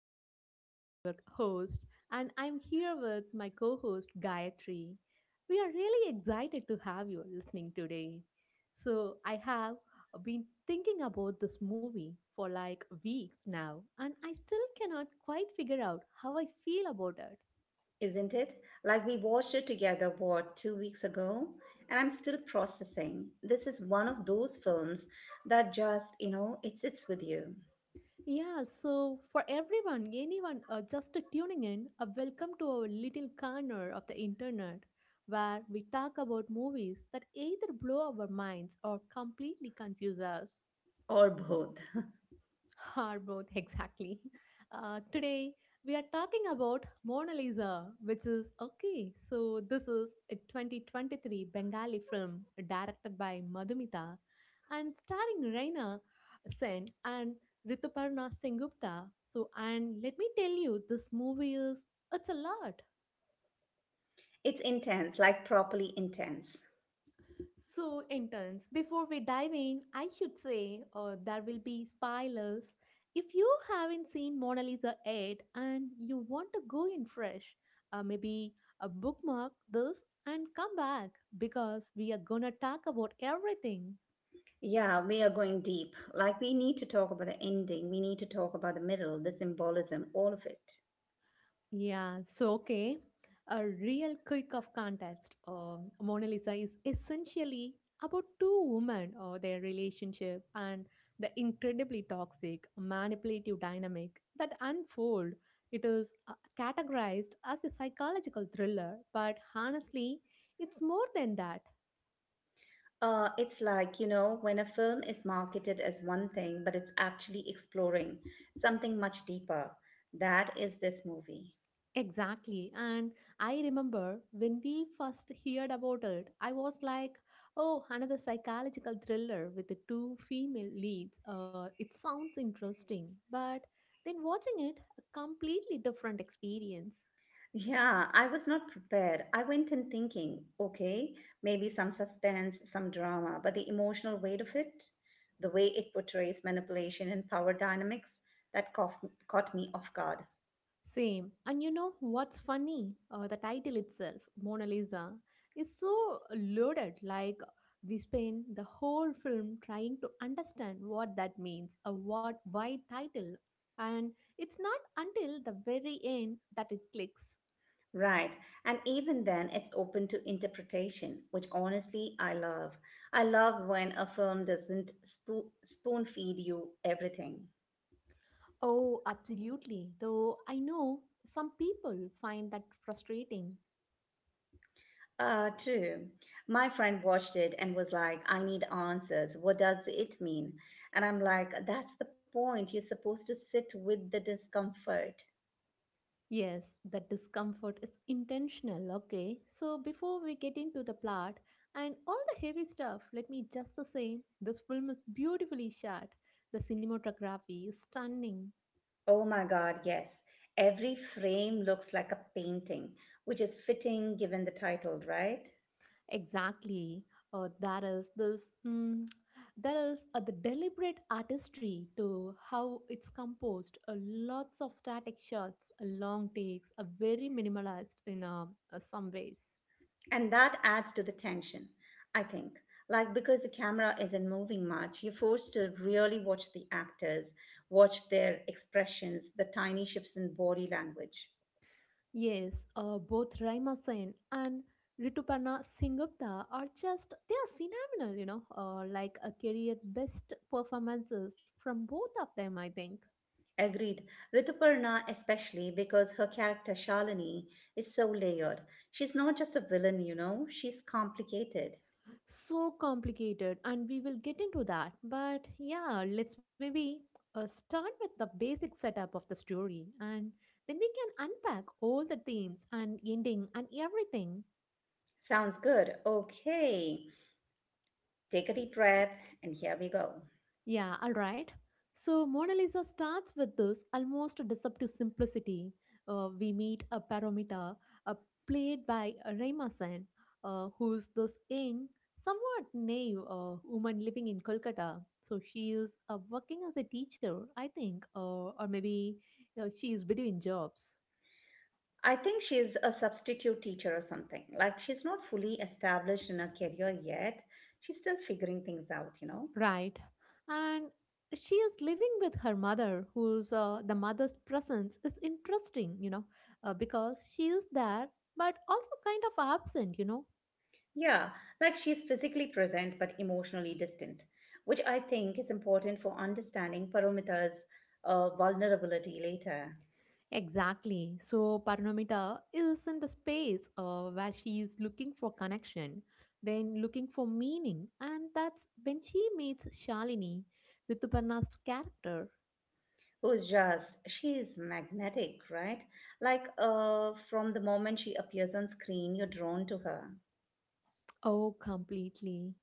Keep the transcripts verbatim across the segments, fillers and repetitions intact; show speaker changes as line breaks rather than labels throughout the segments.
I am Anbudharani, your host, and I'm here with my co host Gayatri. We are really excited to have you listening today. So, I have been thinking about this movie for like weeks now, and I still cannot quite figure out how I feel about it.
Isn't it? Like we watched it together, what, two weeks ago? And I'm still processing. This is one of those films that just, you know, it sits with you.
Yeah, so for everyone, anyone uh, just tuning in, uh, welcome to our little corner of the internet where we talk about movies that either blow our minds or completely confuse us.
Or both.
Our both, exactly. Uh, today, we are talking about Mona Lisa, which is okay. So, this is a twenty twenty-three Bengali film directed by Madhumita and starring Raina Sen and Rituparna Sengupta. So, and let me tell you, this movie is it's a lot.
It's intense, like properly intense.
So, interns, before we dive in, I should say uh, there will be spoilers. If you haven't seen Mona Lisa yet and you want to go in fresh, uh, maybe uh, bookmark this and come back because we are gonna talk about everything.
Yeah, we are going deep. Like we need to talk about the ending, we need to talk about the middle, the symbolism, all of it.
Yeah, so okay. A real quick of context. Um, Mona Lisa is essentially about two women or their relationship and the incredibly toxic, manipulative dynamic that unfold. It is uh, categorized as a psychological thriller, but honestly, it's more than that.
Uh, it's like, you know, when a film is marketed as one thing, but it's actually exploring something much deeper. That is this movie.
Exactly. And I remember when we first heard about it, I was like, oh, another psychological thriller with the two female leads. Uh, it sounds interesting. But then watching it, a completely different experience.
Yeah, I was not prepared. I went in thinking, okay, maybe some suspense, some drama, but the emotional weight of it, the way it portrays manipulation and power dynamics, that caught, caught me off guard.
Same. And you know what's funny? Uh, the title itself, Mona Lisa, is so loaded. Like, we spend the whole film trying to understand what that means, a what, why title. And it's not until the very end that it clicks.
Right. And even then, it's open to interpretation, which honestly I love. I love when a film doesn't spoon spoon feed you everything.
Oh, absolutely. Though I know some people find that frustrating.
Uh, true. My friend watched it and was like, I need answers. What does it mean? And I'm like, that's the point. You're supposed to sit with the discomfort.
Yes, the discomfort is intentional, okay? So, before we get into the plot and all the heavy stuff, let me just say this film is beautifully shot. The cinematography is stunning.
Oh my God, yes. Every frame looks like a painting, which is fitting given the title, right?
Exactly. Uh, that is this. Mm, there is uh, the deliberate artistry to how it's composed. Uh, lots of static shots, uh, long takes, are very minimalized in uh, uh, some ways.
And that adds to the tension, I think. Like, because the camera isn't moving much, you're forced to really watch the actors, watch their expressions, the tiny shifts in body language.
Yes, uh, both Raima Sen and Rituparna Singupta are just, they are phenomenal, you know, uh, like a career best performances from both of them, I think.
Agreed. Rituparna, especially, because her character Shalini is so layered. She's not just a villain, you know, she's complicated.
So complicated, and we will get into that. But yeah, let's maybe uh, start with the basic setup of the story, and then we can unpack all the themes and ending and everything.
Sounds good. Okay. Take a deep breath, and here we go.
Yeah, all right. So Mona Lisa starts with this almost deceptive simplicity. Uh, we meet a parameter uh, played by Raymasan, uh, who's this young, somewhat naive uh, woman living in Kolkata. So she is uh, working as a teacher, I think, uh, or maybe uh, she is between jobs.
I think she's a substitute teacher or something. Like, she's not fully established in her career yet. She's still figuring things out, you know?
Right. And she is living with her mother, whose uh, the mother's presence is interesting, you know, uh, because she is there but also kind of absent, you know.
Yeah, like she's physically present but emotionally distant, which I think is important for understanding Paromita's uh, vulnerability later.
Exactly. So Paranomita is in the space uh, where she is looking for connection, then looking for meaning, and that's when she meets Shalini, Rituparna's character.
Who's just, she's magnetic, right? Like uh from the moment she appears on screen, you're drawn to her.
Oh, completely.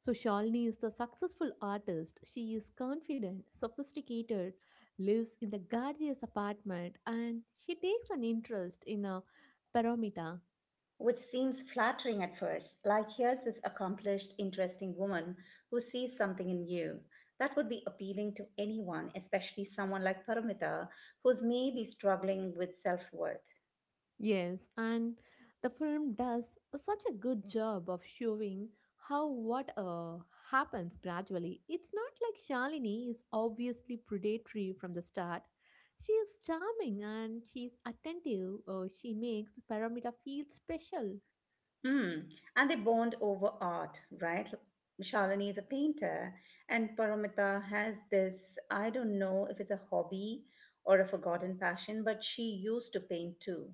So Shalini is a successful artist. She is confident, sophisticated, lives in the gorgeous apartment, and she takes an interest in a paramita.
Which seems flattering at first. Like, here's this accomplished, interesting woman who sees something in you that would be appealing to anyone, especially someone like Paramita, who's maybe struggling with self-worth.
Yes, and the film does such a good job of showing how what uh, happens gradually. It's not like Shalini is obviously predatory from the start. She is charming and she is attentive. Uh, she makes Paramita feel special.
Mm. And they bond over art, right? Shalini is a painter, and Paramita has this, I don't know if it's a hobby or a forgotten passion, but she used to paint too.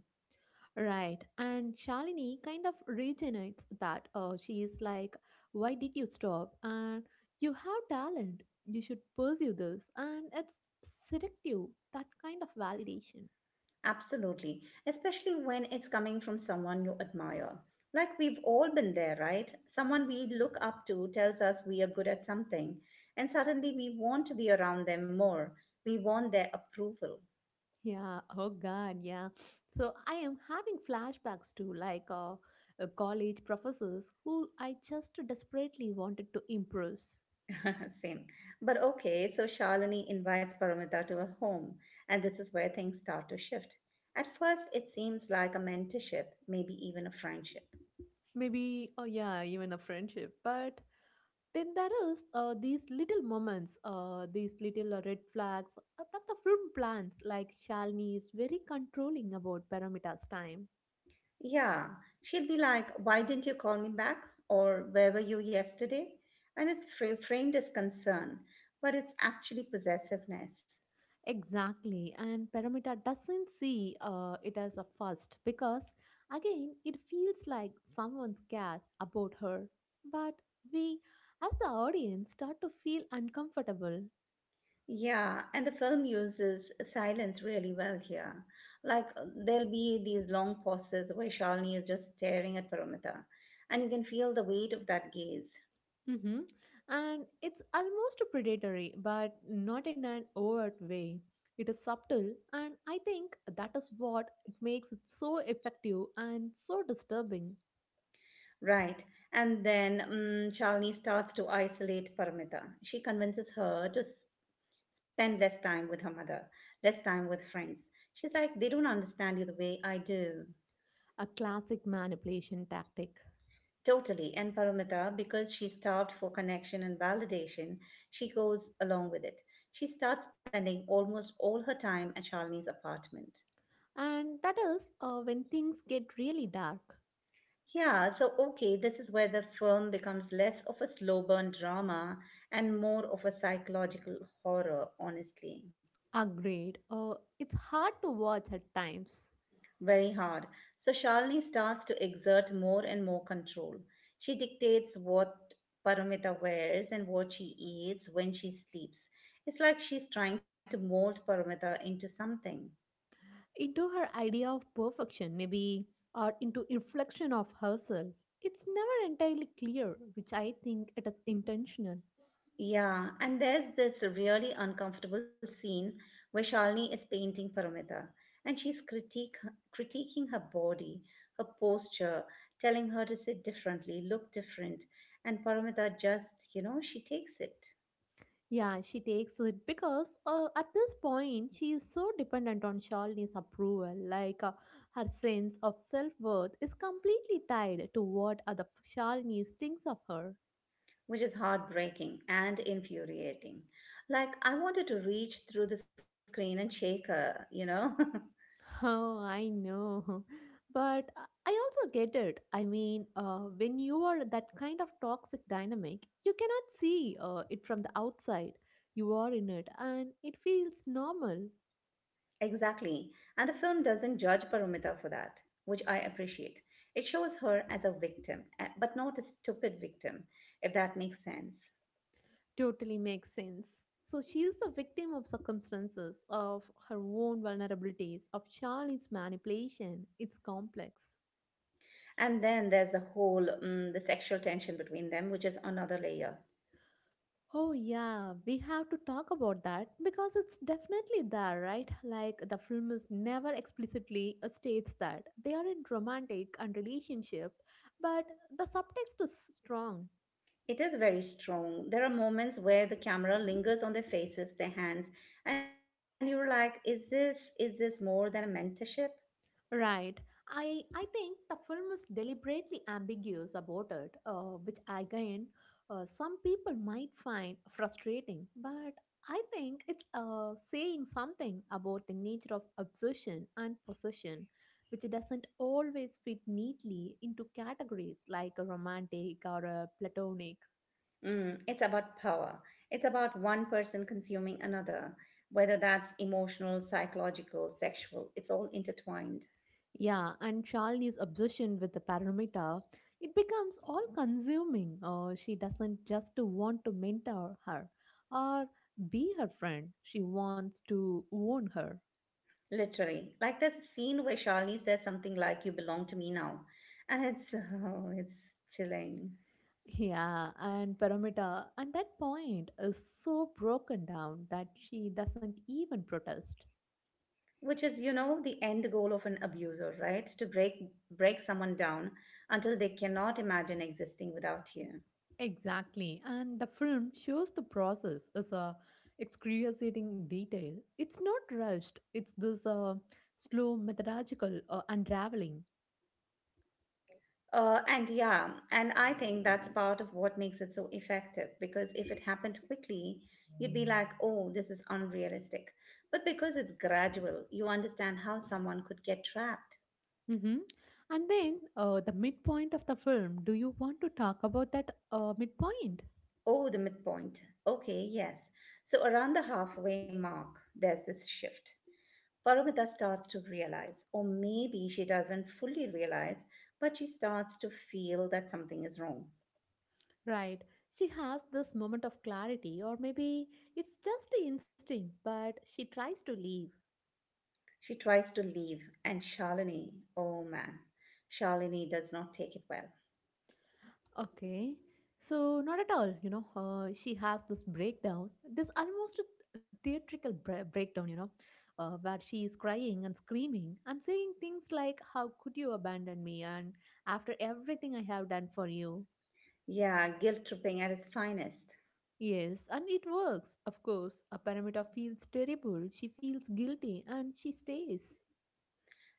Right. And Shalini kind of regenerates that. Uh, she is like, why did you stop? And you have talent. You should pursue this. And it's seductive, that kind of validation.
Absolutely. Especially when it's coming from someone you admire. Like, we've all been there, right? Someone we look up to tells us we are good at something, and suddenly we want to be around them more. We want their approval.
Yeah. Oh, God. Yeah. So I am having flashbacks to like uh, uh, college professors who I just desperately wanted to impress.
Same. But okay, so Shalini invites Paramita to her home, and this is where things start to shift. At first, it seems like a mentorship, maybe even a friendship.
Maybe, oh, yeah, even a friendship. But then there is uh, these little moments, uh, these little uh, red flags uh, that the film plans, like Shalini is very controlling about Paramita's time.
Yeah, she'll be like, why didn't you call me back? Or where were you yesterday? And it's fra- framed as concern, but it's actually possessiveness.
Exactly, and Paramita doesn't see uh, it as a first because, again, it feels like someone cares about her. But we, as the audience, start to feel uncomfortable.
Yeah, and the film uses silence really well here. Like, uh, there'll be these long pauses where Shalini is just staring at Paramita, and you can feel the weight of that gaze.
Mm-hmm. And it's almost predatory, but not in an overt way. It is subtle, and I think that is what it makes it so effective and so disturbing.
Right, and then um, Shalini starts to isolate Paramita. She convinces her to s- spend less time with her mother, less time with friends. She's like, they don't understand you the way I do.
A classic manipulation tactic.
Totally. And Paramita, because she's starved for connection and validation, she goes along with it. She starts spending almost all her time at Shalini's apartment.
And that is uh, when things get really dark,
Yeah, so okay, this is where the film becomes less of a slow burn drama and more of a psychological horror, honestly.
are great, uh, it's hard to watch at times.
Very hard. So Shalini starts to exert more and more control. She dictates what Paramita wears and what she eats, when she sleeps. It's like she's trying to mold Paramita into something.
Into her idea of perfection, maybe, or into reflection of herself. It's never entirely clear, which I think it is intentional.
Yeah, and there's this really uncomfortable scene where Shalini is painting Paramita and she's critique, critiquing her body, her posture, telling her to sit differently, look different, and Paramita just, you know, she takes it.
Yeah, she takes it because uh, at this point she is so dependent on Shalini's approval. Like uh, her sense of self worth is completely tied to what other Shalini thinks of her.
Which is heartbreaking and infuriating. Like, I wanted to reach through the screen and shake her, you know?
Oh, I know. But I I also get it. I mean, uh, when you are that kind of toxic dynamic, you cannot see uh, it from the outside. You are in it and it feels normal.
Exactly. And the film doesn't judge Paramita for that, which I appreciate. It shows her as a victim, eh, but not a stupid victim, if that makes sense.
Totally makes sense. So she's a victim of circumstances, of her own vulnerabilities, of Charlie's manipulation. It's complex.
And then there's the whole mm, the sexual tension between them, which is another layer.
Oh, yeah, we have to talk about that because it's definitely there, right? Like, the film is never explicitly uh, states that they are in romantic and relationship, but the subtext is strong.
It is very strong. There are moments where the camera lingers on their faces, their hands, and you're like, is this, is this more than a mentorship?
Right. I I think the film is deliberately ambiguous about it, uh, which again, uh, some people might find frustrating. But I think it's uh, saying something about the nature of obsession and possession, which doesn't always fit neatly into categories like a romantic or a platonic.
Mm, it's about power. It's about one person consuming another, whether that's emotional, psychological, sexual, it's all intertwined.
Yeah, and Shalini's obsession with the parameter, it becomes all consuming. Uh, she doesn't just want to mentor her or be her friend. She wants to own her.
Literally. Like, there's a scene where Charlize says something like, you belong to me now. And it's, oh, it's chilling.
Yeah, and Paramita at that point is so broken down that she doesn't even protest.
Which is, you know, the end goal of an abuser, right? To break break someone down until they cannot imagine existing without you.
Exactly, and the film shows the process as a excruciating detail. It's not rushed. It's this uh, slow methodological uh, unraveling.
Uh, and yeah, and I think that's part of what makes it so effective, because if it happened quickly, you'd be like, oh, this is unrealistic. But because it's gradual, you understand how someone could get trapped.
Mm-hmm. And then uh, the midpoint of the film. Do you want to talk about that uh, midpoint?
Oh, the midpoint. Okay, yes. So around the halfway mark, there's this shift. Paramita starts to realize, or maybe she doesn't fully realize, but she starts to feel that something is wrong.
Right. She has this moment of clarity, or maybe it's just the instinct, but she tries to leave.
She tries to leave, and Shalini, oh man, Shalini does not take it well.
Okay. So, not at all, you know. Uh, she has this breakdown, this almost a theatrical bre- breakdown, you know, uh, where she is crying and screaming and saying things like, how could you abandon me? And after everything I have done for you.
Yeah, guilt tripping at its finest.
Yes, and it works, of course. A Paramita feels terrible, she feels guilty, and she stays.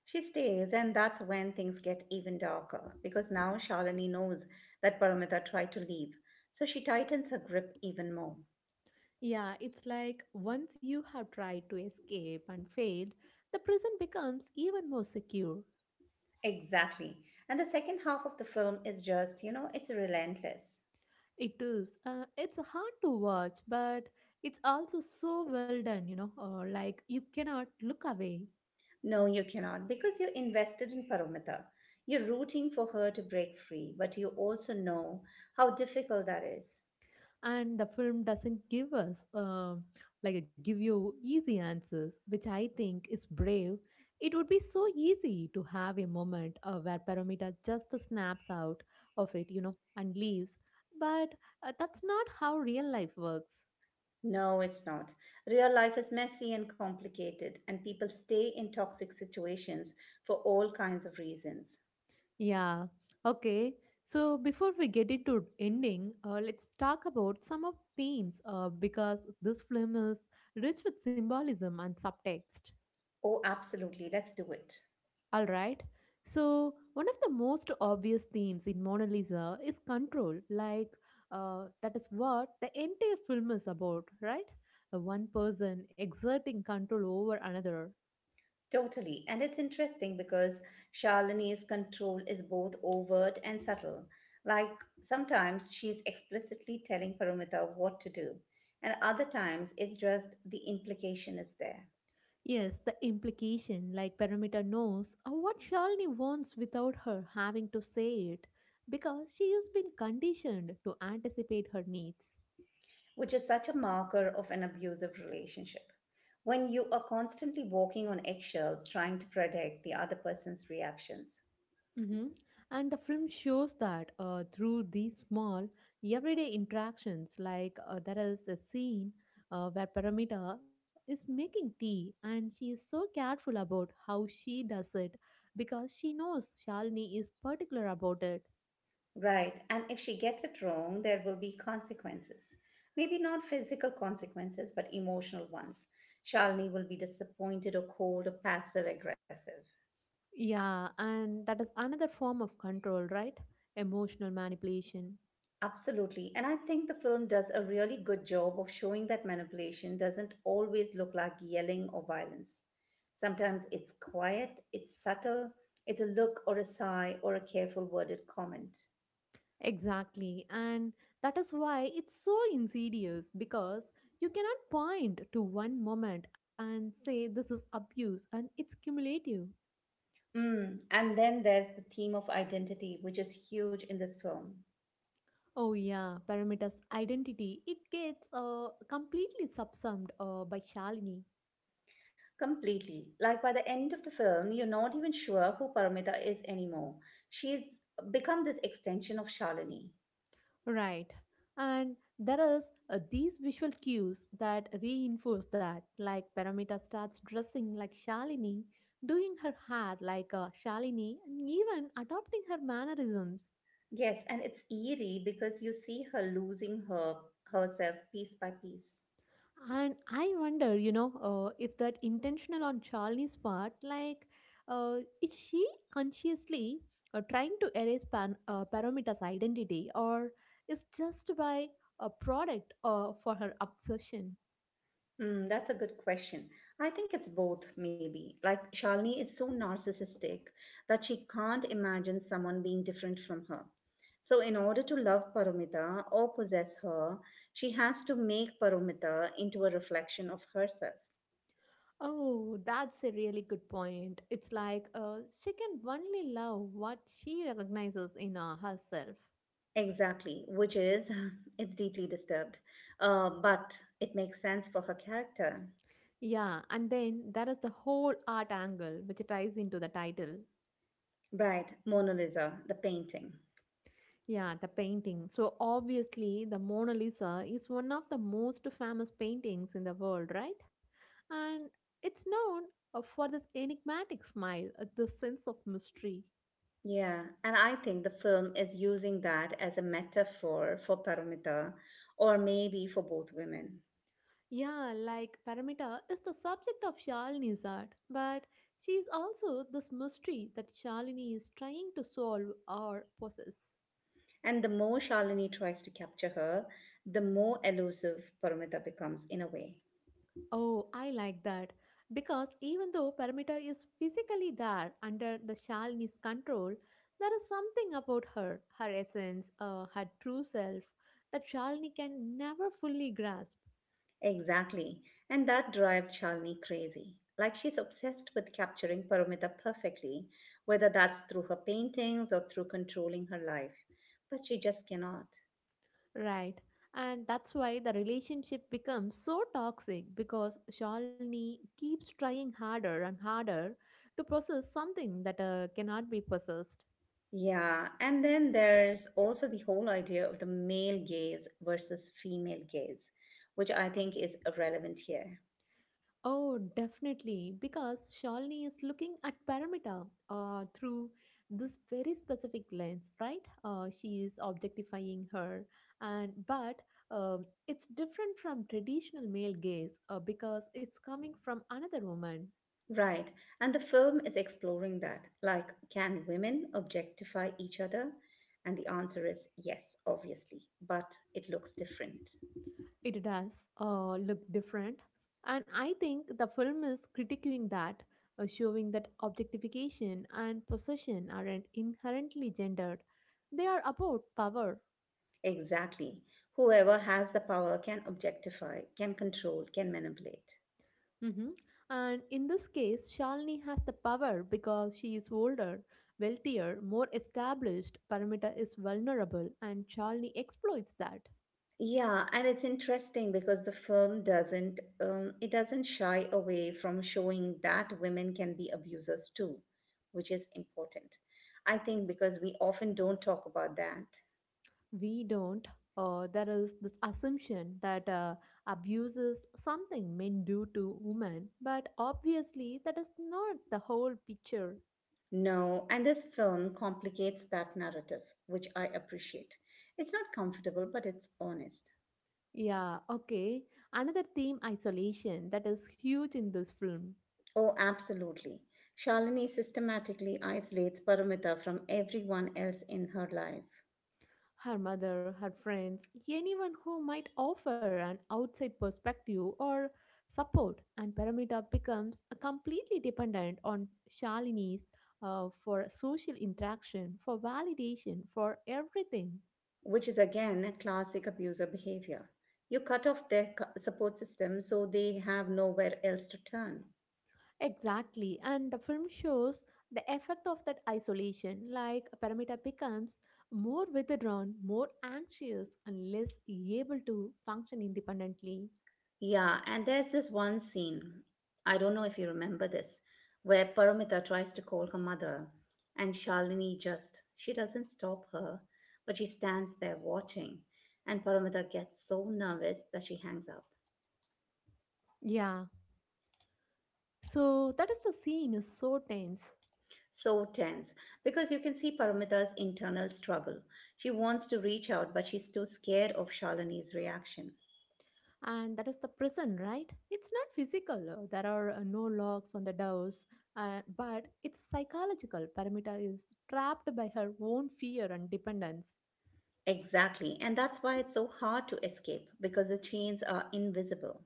She stays, and that's when things get even darker, because now Shalini knows that Paramita tried to leave, so she tightens her grip even more.
Yeah, it's like once you have tried to escape and failed, the prison becomes even more secure.
Exactly. And the second half of the film is just, you know, it's relentless.
It is. Uh, it's hard to watch, but it's also so well done, you know, uh, like you cannot look away.
No, you cannot, because you're invested in Paramita. You're rooting for her to break free, but you also know how difficult that is.
And the film doesn't give us uh, like a give you easy answers, which I think is brave. It would be so easy to have a moment uh, where Paramita just snaps out of it, you know, and leaves, but uh, that's not how real life works.
No, it's not. Real life is messy and complicated, and people stay in toxic situations for all kinds of reasons.
Yeah, okay, so before we get into ending, uh, let's talk about some of themes uh, because this film is rich with symbolism and subtext.
Oh, absolutely. Let's do it.
All right. So, one of the most obvious themes in Mona Lisa is control. Like, uh, that is what the entire film is about, right? Uh, One person exerting control over another.
Totally. And it's interesting because Shalini's control is both overt and subtle. Like, sometimes she's explicitly telling Paramita what to do, and other times it's just, the implication is there.
Yes, the implication, like Perimeter knows uh, what Shalini wants without her having to say it, because she has been conditioned to anticipate her needs.
Which is such a marker of an abusive relationship. When you are constantly walking on eggshells trying to predict the other person's reactions.
hmm And the film shows that uh, through these small, everyday interactions, like uh, there is a scene uh, where Paramita is making tea and she is so careful about how she does it because she knows Shalini is particular about it.
Right, and if she gets it wrong, there will be consequences. Maybe not physical consequences, but emotional ones. Shalini will be disappointed or cold or passive aggressive.
Yeah, and that is another form of control, right? Emotional manipulation.
Absolutely. And I think the film does a really good job of showing that manipulation doesn't always look like yelling or violence. Sometimes it's quiet, it's subtle, it's a look or a sigh or a careful worded comment.
Exactly, and that is why it's so insidious because you cannot point to one moment and say this is abuse and it's cumulative.
Mm. And then there's the theme of identity, which is huge in this film.
Oh, yeah, Paramita's identity, it gets uh, completely subsumed uh, by Shalini.
Completely. Like, by the end of the film, you're not even sure who Paramita is anymore. She's become this extension of Shalini.
Right, and there is uh, these visual cues that reinforce that, like Paramita starts dressing like Shalini, doing her hair like uh, Shalini, and even adopting her mannerisms.
Yes, and it's eerie because you see her losing her herself piece by piece.
And I wonder, you know, uh, if that intentional on Charlie's part, like, uh, is she consciously uh, trying to erase Pan, uh, Paramita's identity, or is just by a product uh, for her obsession?
Hmm, that's a good question. I think it's both, maybe. Like, Shalini is so narcissistic that she can't imagine someone being different from her. So, in order to love Paramita or possess her, she has to make Paramita into a reflection of herself.
Oh, that's a really good point. It's like uh, she can only love what she recognizes in uh, herself.
Exactly, which is, it's deeply disturbed, uh, but it makes sense for her character.
Yeah, and then there is the whole art angle which ties into the title.
Right, Mona Lisa, the painting.
Yeah, the painting. So obviously, the Mona Lisa is one of the most famous paintings in the world, right? And it's known uh, for this enigmatic smile, uh, the sense of mystery.
Yeah, and I think the film is using that as a metaphor for Paramita, or maybe for both women.
Yeah, like Paramita is the subject of Shalini's art, but she is also this mystery that Shalini is trying to solve or possess.
And the more Shalini tries to capture her, the more elusive Paramita becomes in a way.
Oh, I like that. Because even though Paramita is physically there under the Shalini's control, there is something about her, her essence, uh, her true self, that Shalini can never fully grasp.
Exactly. And that drives Shalini crazy. Like, she's obsessed with capturing Paramita perfectly, whether that's through her paintings or through controlling her life. But she just cannot.
Right. And that's why the relationship becomes so toxic because Shalini keeps trying harder and harder to process something that uh, cannot be possessed.
Yeah, and then there's also the whole idea of the male gaze versus female gaze, which I think is relevant here.
Oh, definitely, because Shalini is looking at Paramita uh, through this very specific lens, right? Uh, she is objectifying her, and but um it's different from traditional male gaze uh, because it's coming from another woman.
Right, and the film is exploring that. Like, can women objectify each other? And the answer is yes, obviously, but it looks different.
It does uh, look different, and I think the film is critiquing that, uh, showing that objectification and possession aren't inherently gendered; they are about power.
Exactly. Whoever has the power can objectify, can control, can manipulate.
Hmm. And in this case, Shalini has the power because she is older, wealthier, more established. Paramita is vulnerable, and Shalini exploits that.
Yeah, and it's interesting because the film doesn't um, it doesn't shy away from showing that women can be abusers too, which is important. I think because we often don't talk about that.
We don't. Uh, there is this assumption that uh, abuse is something men do to women, but obviously that is not the whole picture.
No, and this film complicates that narrative, which I appreciate. It's not comfortable, but it's honest.
Yeah, okay. Another theme, isolation, that is huge in this film.
Oh, absolutely. Shalini systematically isolates Paramita from everyone else in her life.
Her mother, her friends, anyone who might offer an outside perspective or support, and Paramita becomes uh, completely dependent on Shalini's, uh, for social interaction, for validation, for everything.
Which is, again, classic abuser behavior. You cut off their cu- support system so they have nowhere else to turn.
Exactly, and the film shows the effect of that isolation. Like Paramita becomes more withdrawn, more anxious, and less able to function independently.
Yeah, and there's this one scene, I don't know if you remember this, where Paramita tries to call her mother and Shalini just, she doesn't stop her, but she stands there watching. And Paramita gets so nervous that she hangs up.
Yeah. So that is the scene is so tense,
So tense, because you can see Paramita's internal struggle. She wants to reach out, but she's too scared of Shalini's reaction.
and that is the prison, right? It's not physical. uh, There are uh, no locks on the doors, uh, but it's psychological. Paramita is trapped by her own fear and dependence.
Exactly. And that's why it's so hard to escape, because the chains are invisible.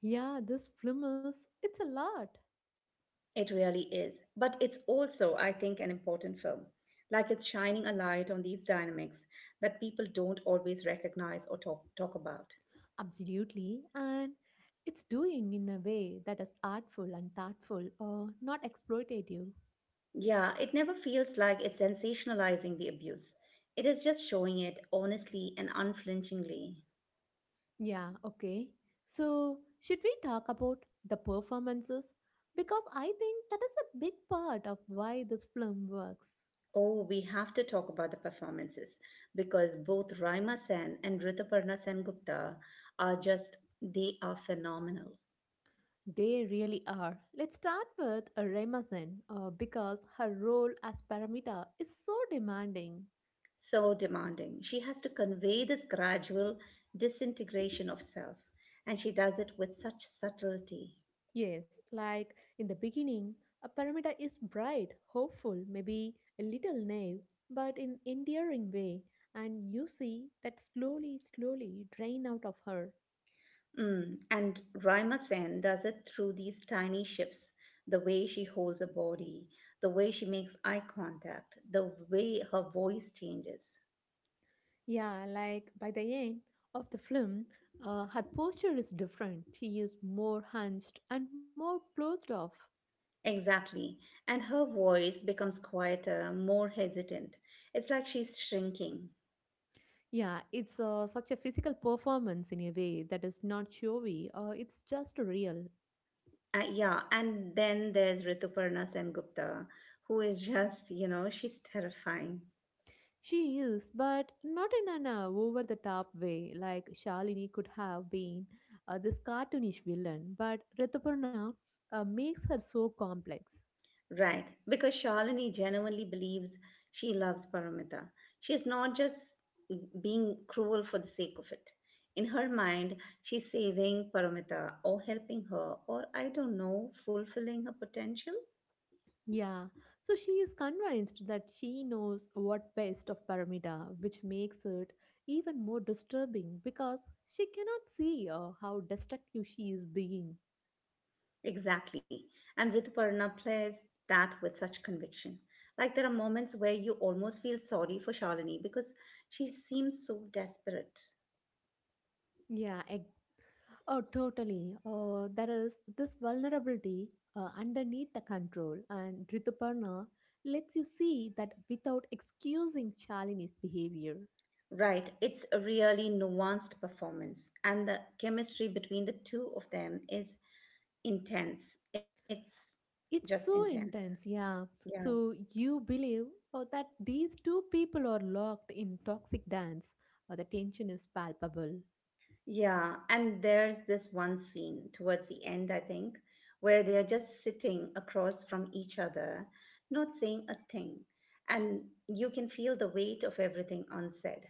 Yeah, this film is it's a lot.
It really is. But it's also, I think, an important film. Like it's shining a light on these dynamics that people don't always recognize or talk, talk about.
Absolutely. And it's doing in a way that is artful and thoughtful or not exploitative.
Yeah, it never feels like it's sensationalizing the abuse. It is just showing it honestly and unflinchingly.
Yeah, okay. So, should we talk about the performances? Because I think that is a big part of why this film works.
Oh, we have to talk about the performances because both Raima Sen and Rituparna Sengupta are just, they are phenomenal.
They really are. Let's start with uh, Remasen uh, because her role as Paramita is so demanding.
So demanding. She has to convey this gradual disintegration of self, and she does it with such subtlety.
Yes, like in the beginning, a Paramita is bright, hopeful, maybe a little naive, but in endearing way, and you see that slowly, slowly drain out of her.
Mm, and Raima Sen does it through these tiny shifts, the way she holds her body, the way she makes eye contact, the way her voice changes.
Yeah, like by the end of the film, uh, her posture is different. She is more hunched and more closed off.
Exactly. And her voice becomes quieter, more hesitant. It's like she's shrinking.
Yeah, it's uh, such a physical performance in a way that is not showy. Uh, it's just real.
Uh, yeah, and then there's Rituparna Sengupta, who is just, you know, she's terrifying.
She is, but not in an uh, over the top way. Like Shalini could have been uh, this cartoonish villain, but Rituparna uh, makes her so complex.
Right, because Shalini genuinely believes she loves Paramita. She is not just being cruel for the sake of it. In her mind, she's saving Paramita or helping her or, I don't know, fulfilling her potential.
Yeah, so she is convinced that she knows what best of Paramita, which makes it even more disturbing because she cannot see uh, how destructive she is being.
Exactly. And Rituparna plays that with such conviction. Like there are moments where you almost feel sorry for Shalini because she seems so desperate.
Yeah. Oh, totally. Uh, there is this vulnerability uh, underneath the control, and Rituparna lets you see that without excusing Shalini's behavior.
Right, it's a really nuanced performance, and the chemistry between the two of them is intense. It's just
It's so
intense.
intense, yeah.
Yeah.
So you believe uh, that these two people are locked in toxic dance. Uh, the tension is palpable.
Yeah, and there's this one scene towards the end, I think, where they are just sitting across from each other, not saying a thing. And you can feel the weight of everything unsaid.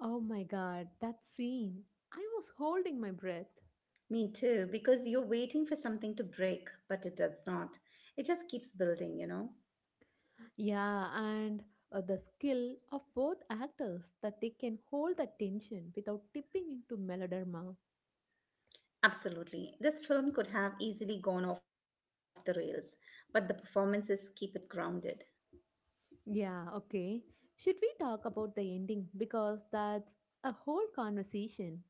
Oh my god, that scene. I was holding my breath.
Me too, because you're waiting for something to break, but it does not. It just keeps building, you know?
Yeah, and uh, the skill of both actors that they can hold the tension without tipping into melodrama.
Absolutely. This film could have easily gone off the rails, but the performances keep it grounded.
Yeah, okay. Should we talk about the ending? Because that's a whole conversation.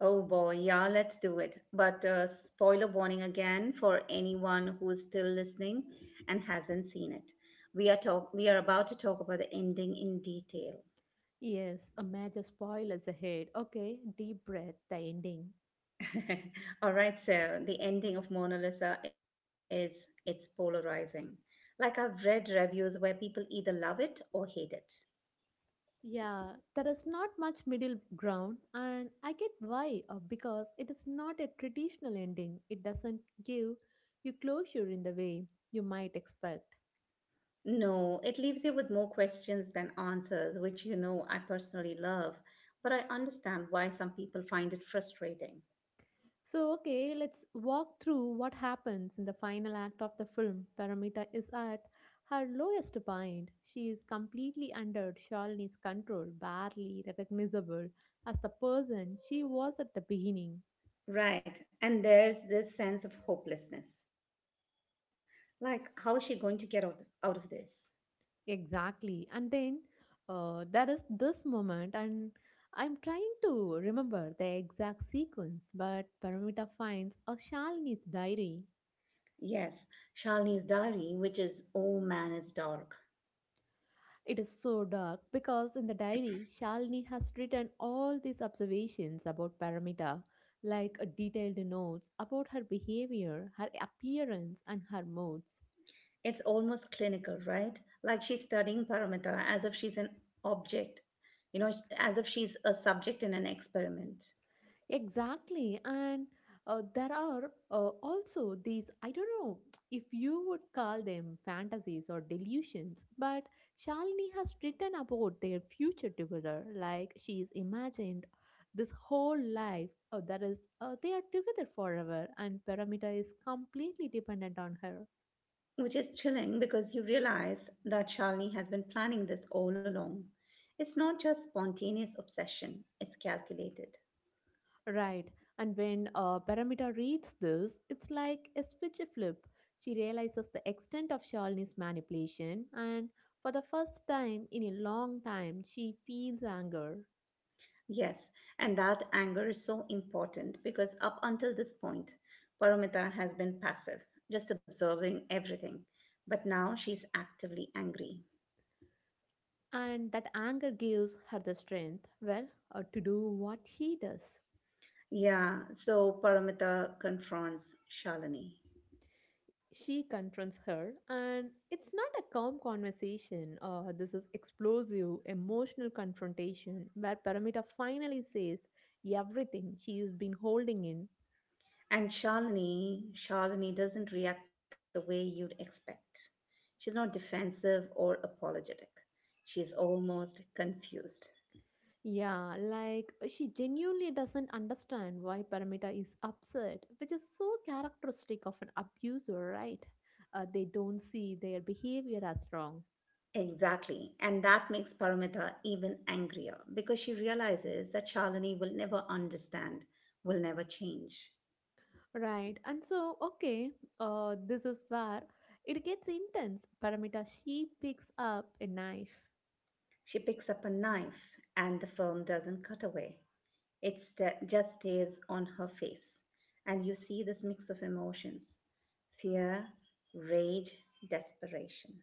Oh boy, yeah, let's do it. But uh, spoiler warning again for anyone who's still listening and hasn't seen it. We are talk we are about to talk about the ending in detail.
Yes, a major spoilers ahead. Okay, deep breath, the ending.
All right, so the ending of Mona Lisa is it's polarizing. Like I've read reviews where people either love it or hate it.
Yeah, there is not much middle ground, and I get why, uh, because it is not a traditional ending. It doesn't give you closure in the way you might expect.
No, it leaves you with more questions than answers, which you know I personally love, but I understand why some people find it frustrating.
So, okay, let's walk through what happens in the final act of the film. Paramita is at her lowest point. She is completely under Shalini's control, barely recognizable as the person she was at the beginning.
Right. And there's this sense of hopelessness. Like, how is she going to get out, out of this?
Exactly. And then uh, there is this moment, and I'm trying to remember the exact sequence, but Paramita finds a Shalini's diary.
Yes, Shalini's diary, which is, oh man, it's dark.
It is so dark because in the diary, Shalini has written all these observations about Paramita, like uh, detailed notes about her behavior, her appearance, and her moods.
It's almost clinical, right? Like she's studying Paramita as if she's an object, you know, as if she's a subject in an experiment.
Exactly. And uh, there are uh, also these, I don't know if you would call them fantasies or delusions, but Shalini has written about their future together. Like she's imagined this whole life uh, that is, uh, they are together forever, and Paramita is completely dependent on her.
Which is chilling because you realize that Shalini has been planning this all along. It's not just spontaneous obsession, it's calculated.
Right. And when uh, Paramita reads this, it's like a switch flip. She realizes the extent of Shalini's manipulation, and for the first time in a long time, she feels anger.
Yes, and that anger is so important because up until this point, Paramita has been passive, just observing everything. But now she's actively angry.
And that anger gives her the strength, well, uh, to do what she does.
Yeah, so Paramita confronts Shalini.
She confronts her, and it's not a calm conversation. Uh, this is explosive, emotional confrontation where Paramita finally says everything she has been holding in.
And Shalini, Shalini doesn't react the way you'd expect. She's not defensive or apologetic. She's almost confused.
Yeah, like uh, she genuinely doesn't understand why Paramita is upset, which is so characteristic of an abuser, right? Uh, they don't see their behavior as wrong.
Exactly. And that makes Paramita even angrier because she realizes that Shalini will never understand, will never change.
Right, and so, okay, uh, this is where it gets intense. Paramita, she picks up a knife.
She picks up a knife and the film doesn't cut away. It sta- just stays on her face. And you see this mix of emotions: fear, rage, desperation.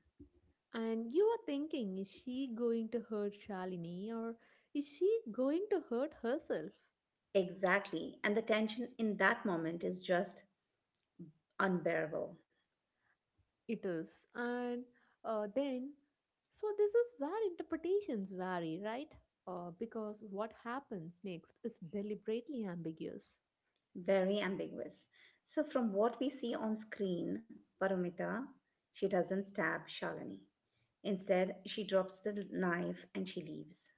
And you are thinking, is she going to hurt Shalini or is she going to hurt herself?
Exactly. And the tension in that moment is just unbearable,
It is. And uh, then, so this is where interpretations vary, right? Uh, because what happens next is deliberately ambiguous.
very ambiguous. So, from what we see on screen, Paramita, she doesn't stab Shalini. Instead, she drops the knife and she leaves.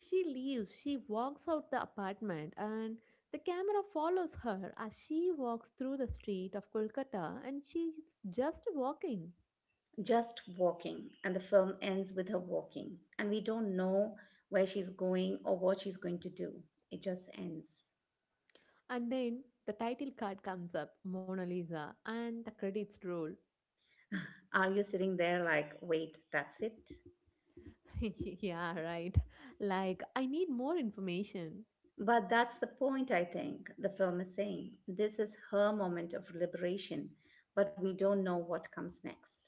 She leaves, she walks out the apartment, and the camera follows her as she walks through the street of Kolkata and she's just walking.
Just walking, and the film ends with her walking. And we don't know where she's going or what she's going to do. It just ends.
And then the title card comes up Mona Lisa, and the credits roll.
Are you sitting there like, wait, that's it?
Yeah, right. Like, I need more information.
But that's the point, I think, the film is saying. This is her moment of liberation, but we don't know what comes next.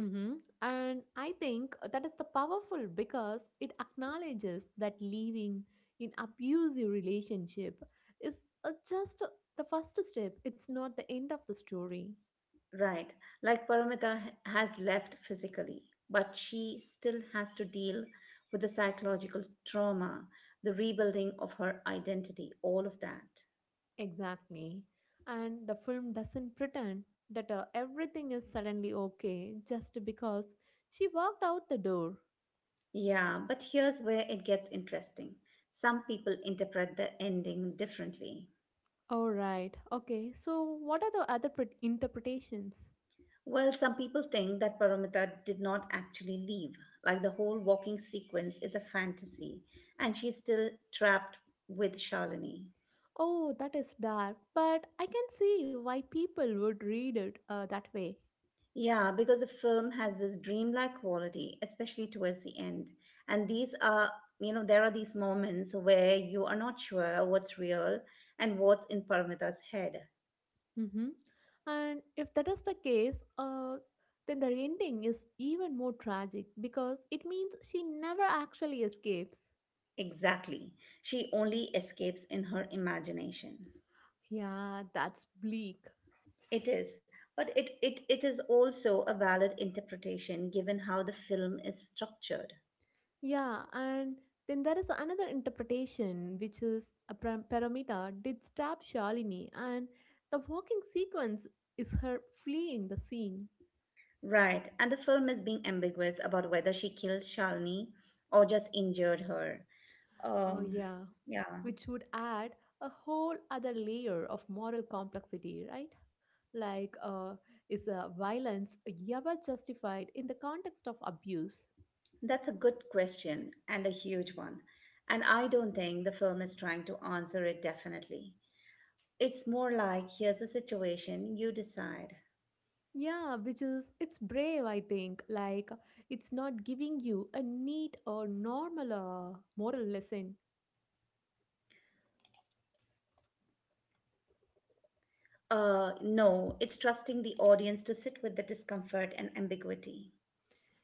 Mm-hmm. And I think that is the powerful because it acknowledges that living in abusive relationship is uh, just the first step. It's not the end of the story.
Right, like Paramita h- has left physically, but she still has to deal with the psychological trauma, the rebuilding of her identity, all of that.
Exactly. And the film doesn't pretend that uh, everything is suddenly okay just because she walked out the door.
Yeah, but here's where it gets interesting. Some people interpret the ending differently.
All right. Okay. So what are the other pre- interpretations?
Well, some people think that Paramita did not actually leave. Like the whole walking sequence is a fantasy, and she's still trapped with Shalini.
Oh, that is dark, but I can see why people would read it uh, that way.
Yeah, because the film has this dreamlike quality, especially towards the end. And these are, you know, there are these moments where you are not sure what's real and what's in Paramita's head.
Hmm. And if that is the case, uh, then the ending is even more tragic because it means she never actually escapes.
Exactly. She only escapes in her imagination.
Yeah, that's bleak.
It is, but it, it, it is also a valid interpretation given how the film is structured.
Yeah, and then there is another interpretation, which is a Par- Paramita did stab Shalini, and the walking sequence is her fleeing the scene.
Right, and the film is being ambiguous about whether she killed Shalini or just injured her.
Uh,
Um,
yeah,
yeah,
which would add a whole other layer of moral complexity, right? Like, uh, is uh, violence ever justified in the context of abuse?
that's a good question and a huge one. And I don't think the film is trying to answer it definitely. It's more like here's a situation, you decide.
Yeah, which is, it's brave, I think. Like, it's not giving you a neat or normal uh, moral lesson.
Uh, no, it's trusting the audience to sit with the discomfort and ambiguity.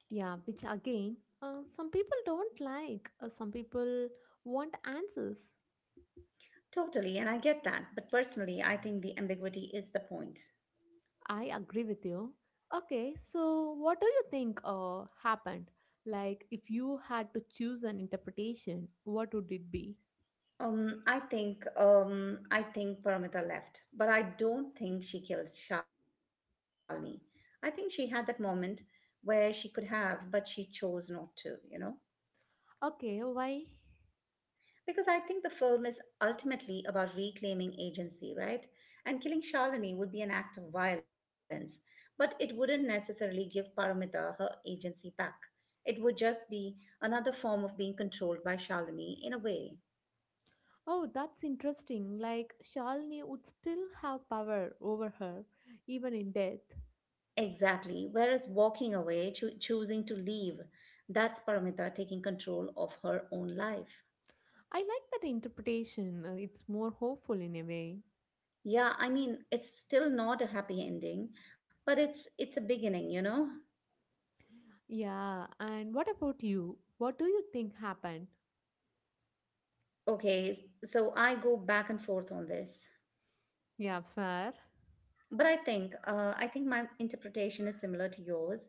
Yeah, which again, uh, some people don't like. Uh, some people want answers.
Totally, and I get that. But personally, I think the ambiguity is the point.
I agree with you. Okay, so what do you think uh, happened? Like, if you had to choose an interpretation, what would it be?
Um, I think um, I think Paramita left, but I don't think she killed Shalini. I think she had that moment where she could have, but she chose not to. You know.
Okay, why?
Because I think the film is ultimately about reclaiming agency, right? And killing Shalini would be an act of violence, but it wouldn't necessarily give Paramita her agency back. It would just be another form of being controlled by Shalini in a way.
Oh, that's interesting. Like, Shalini would still have power over her, even in death.
Exactly. Whereas walking away, choo- choosing to leave, that's Paramita taking control of her own life.
I like that interpretation. Uh, It's more hopeful in a way.
Yeah, I mean, it's still not a happy ending, but it's it's a beginning, you know?
Yeah, and what about you? What do you think happened?
Okay, s- so I go back and forth on this,
Yeah, fair.
but I think uh, I think my interpretation is similar to yours.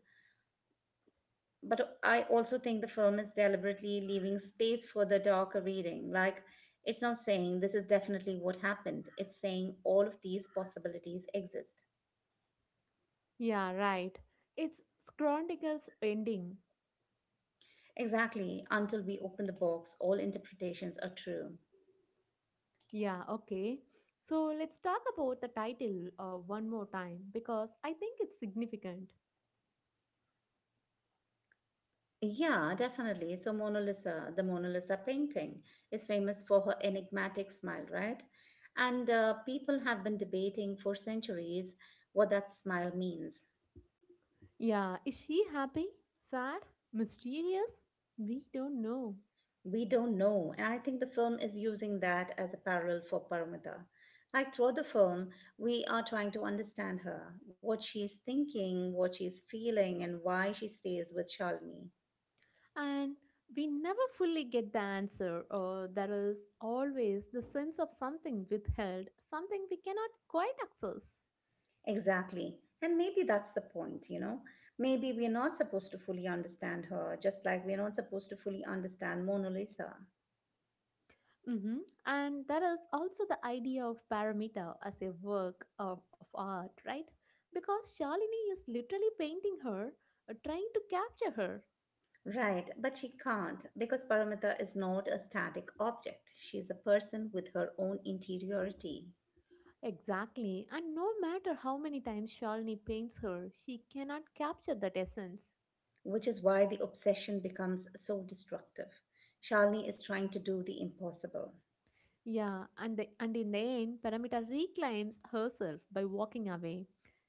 But I also think the film is deliberately leaving space for the darker reading. Like it's not saying this is definitely what happened. It's saying all of these possibilities exist.
Yeah, right. It's Chronicles ending.
Exactly. Until we open the box, all interpretations are true.
Yeah, okay. So let's talk about the title uh, one more time because I think it's significant.
Yeah, definitely. So Mona Lisa, the Mona Lisa painting, is famous for her enigmatic smile, right? And uh, people have been debating for centuries what that smile means.
Yeah, is she happy, sad, mysterious? We don't know.
We don't know. And I think the film is using that as a parallel for Paramita. Like throughout the film, we are trying to understand her, what she's thinking, what she's feeling, and why she stays with Shalini.
And we never fully get the answer, or there is always the sense of something withheld, something we cannot quite access.
Exactly. And maybe that's the point, you know? Maybe we're not supposed to fully understand her, just like we're not supposed to fully understand Mona Lisa.
Hmm. And there is also the idea of Paramita as a work of, of art, right? Because Shalini is literally painting her, uh, trying to capture her.
Right, but she can't because Paramita is not a static object. She's a person with her own interiority,
Exactly. And no matter how many times Shalini paints her, she cannot capture that essence.
which is why the obsession becomes so destructive. Shalini is trying to do the impossible.
Yeah, and, the, and in the end, Paramita reclaims herself by walking away.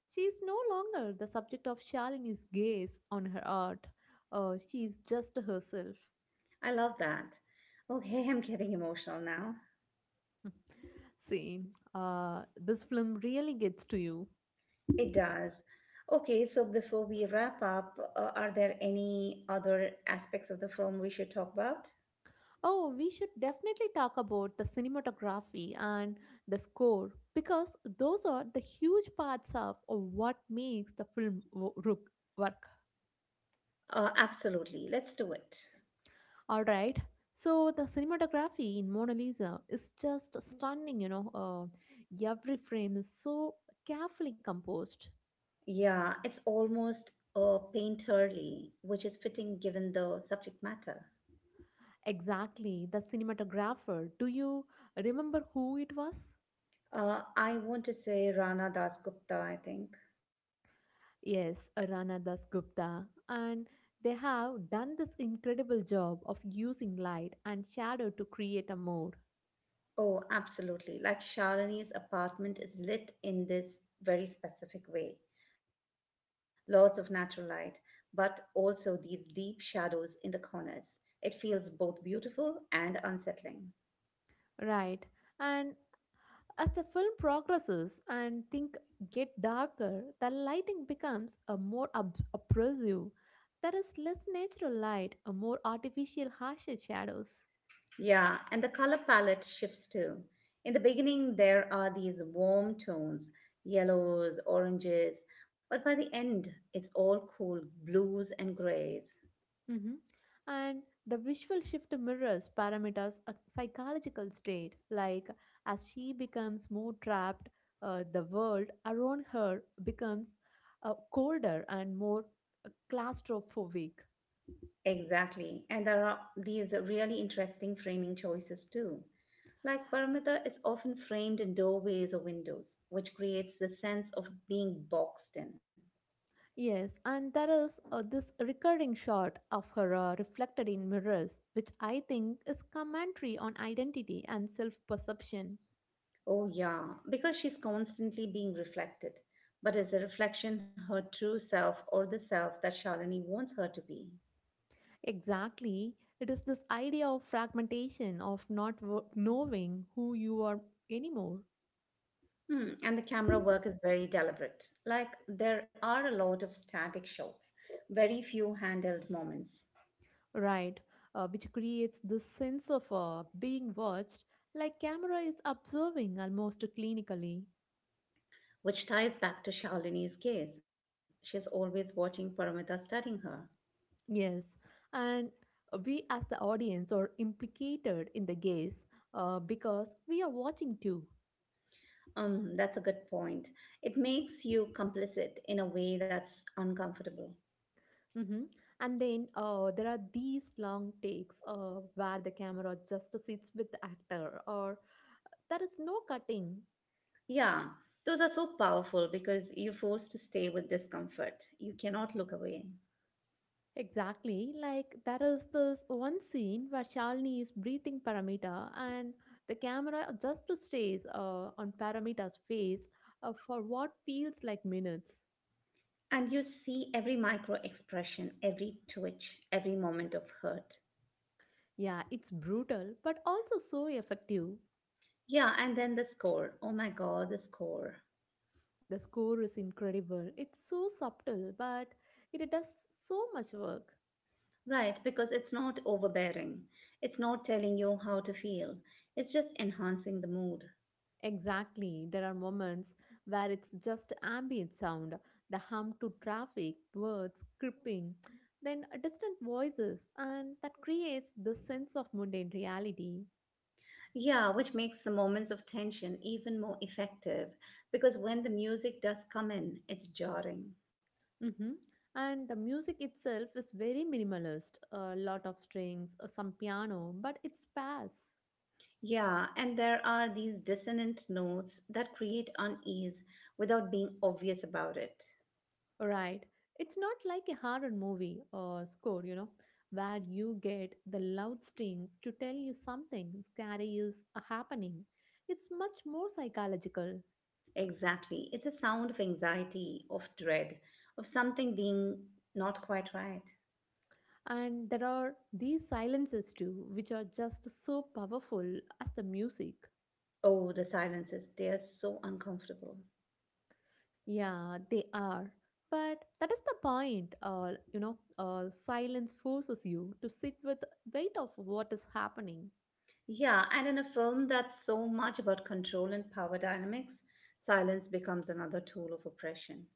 She is no longer the subject of Shalini's gaze on her art. Uh, she is just herself.
I love that. Okay, I'm getting emotional now.
Same. Uh, this film really gets to you.
It does. Okay, so before we wrap up, uh, are there any other aspects of the film we should talk about?
Oh, we should definitely talk about the cinematography and the score because those are the huge parts of, of what makes the film wo- rook- work.
Uh, absolutely. Let's do it.
All right. So the cinematography in Mona Lisa is just stunning. You know, uh, every frame is so carefully composed.
Yeah, it's almost uh, painterly, which is fitting given the subject matter.
Exactly, the cinematographer. Do you remember who it was?
Uh, I want to say Rana Das Gupta, I think.
Yes, Rana Das Gupta. And they have done this incredible job of using light and shadow to create a mood.
Oh, absolutely. Like Shalini's apartment is lit in this very specific way. Lots of natural light, but also these deep shadows in the corners. It feels both beautiful and unsettling.
Right. And as the film progresses and things get darker, the lighting becomes a more ob- oppressive. There is less natural light, a more artificial, harsher shadows.
Yeah, and the color palette shifts too. In the beginning, there are these warm tones, yellows, oranges, but by the end, it's all cool blues and grays.
Hmm. And the visual shift mirrors Paramita's uh, psychological state. Like, as she becomes more trapped, uh, the world around her becomes uh, colder and more uh, claustrophobic.
Exactly. And there are these really interesting framing choices too. Like perimeter is often framed in doorways or windows, which creates the sense of being boxed in.
Yes, and there is uh, this recurring shot of her uh, reflected in mirrors, which I think is commentary on identity and self perception.
Oh, yeah, because she's constantly being reflected. But is the reflection her true self or the self that Shalini wants her to be?
Exactly. It is this idea of fragmentation, of not wo- knowing who you are anymore,
Hmm, and the camera work is very deliberate. Like there are a lot of static shots, very few handheld moments,
right? Uh, which creates this sense of uh, being watched, like camera is observing almost clinically.
which ties back to Shalini's case. She's always watching Paramita studying her.
Yes, and we as the audience are implicated in the gaze uh, because we are watching too.
Um, that's a good point. It makes you complicit in a way that's uncomfortable.
Hmm. And then uh, there are these long takes uh, where the camera just sits with the actor, or there is no cutting.
Yeah, those are so powerful because you're forced to stay with discomfort. You cannot look away.
Exactly, like there is this one scene where Shalini is breathing Paramita and the camera just stays uh, on Paramita's face uh, for what feels like minutes.
And you see every micro expression, every twitch, every moment of hurt.
Yeah, it's brutal but also so effective.
Yeah, and then the score. Oh my god, the score.
The score is incredible. It's so subtle but it does so much work.
Right, because it's not overbearing. It's not telling you how to feel. It's just enhancing the mood.
Exactly. There are moments where it's just ambient sound, the hum to traffic, birds chirping, then distant voices, and that creates the sense of mundane reality.
Yeah, which makes the moments of tension even more effective because when the music does come in, it's jarring.
Hmm. And the music itself is very minimalist, a lot of strings, uh, some piano, but it's sparse.
Yeah, and there are these dissonant notes that create unease without being obvious about it.
Right. It's not like a horror movie or score, you know, where you get the loud strings to tell you something scary is happening. It's much more psychological.
Exactly. It's a sound of anxiety, of dread, of something being not quite right.
And there are these silences too, which are just so powerful as the music.
Oh, the silences, they are so uncomfortable.
Yeah, they are. But that is the point. Uh, you know, uh, silence forces you to sit with weight of what is happening.
Yeah, and in a film that's so much about control and power dynamics, silence becomes another tool of oppression.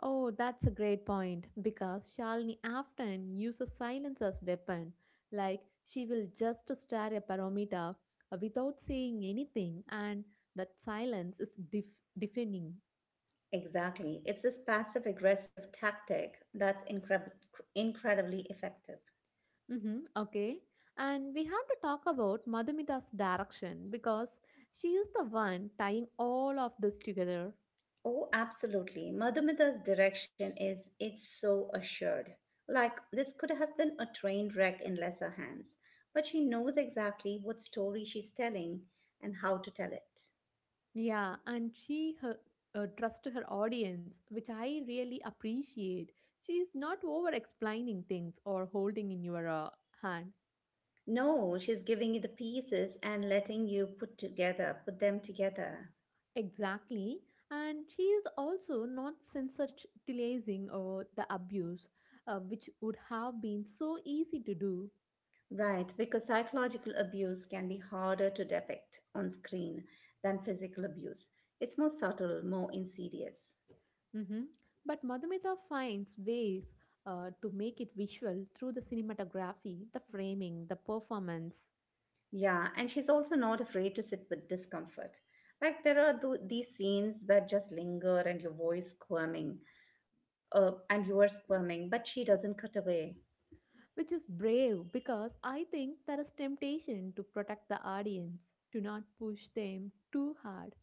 Oh, that's a great point because Shalini often uses silence as weapon, like she will just stare at Paramita uh, without saying anything, and that silence is def- deafening.
Exactly. It's this passive aggressive tactic that's incre- incredibly effective.
Hmm, okay, and we have to talk about Madhumita's direction because she is the one tying all of this together.
Oh, absolutely. Madhumita's direction is it's so assured. Like, this could have been a train wreck in lesser hands, but she knows exactly what story she's telling and how to tell it.
Yeah, and she her, uh, trusts her audience, which I really appreciate. She's not over explaining things or holding in your uh, hand.
No, she's giving you the pieces and letting you put together, put them together.
Exactly. And she is also not sensationalizing or the abuse, uh, which would have been so easy to do.
Right, because psychological abuse can be harder to depict on screen than physical abuse. It's more subtle, more insidious.
Hmm. But Madhumita finds ways uh, to make it visual through the cinematography, the framing, the performance.
Yeah, and she's also not afraid to sit with discomfort. Like there are th- these scenes that just linger and your voice squirming, uh, and you are squirming, but she doesn't cut away.
Which is brave because I think there is temptation to protect the audience, to not push them too hard.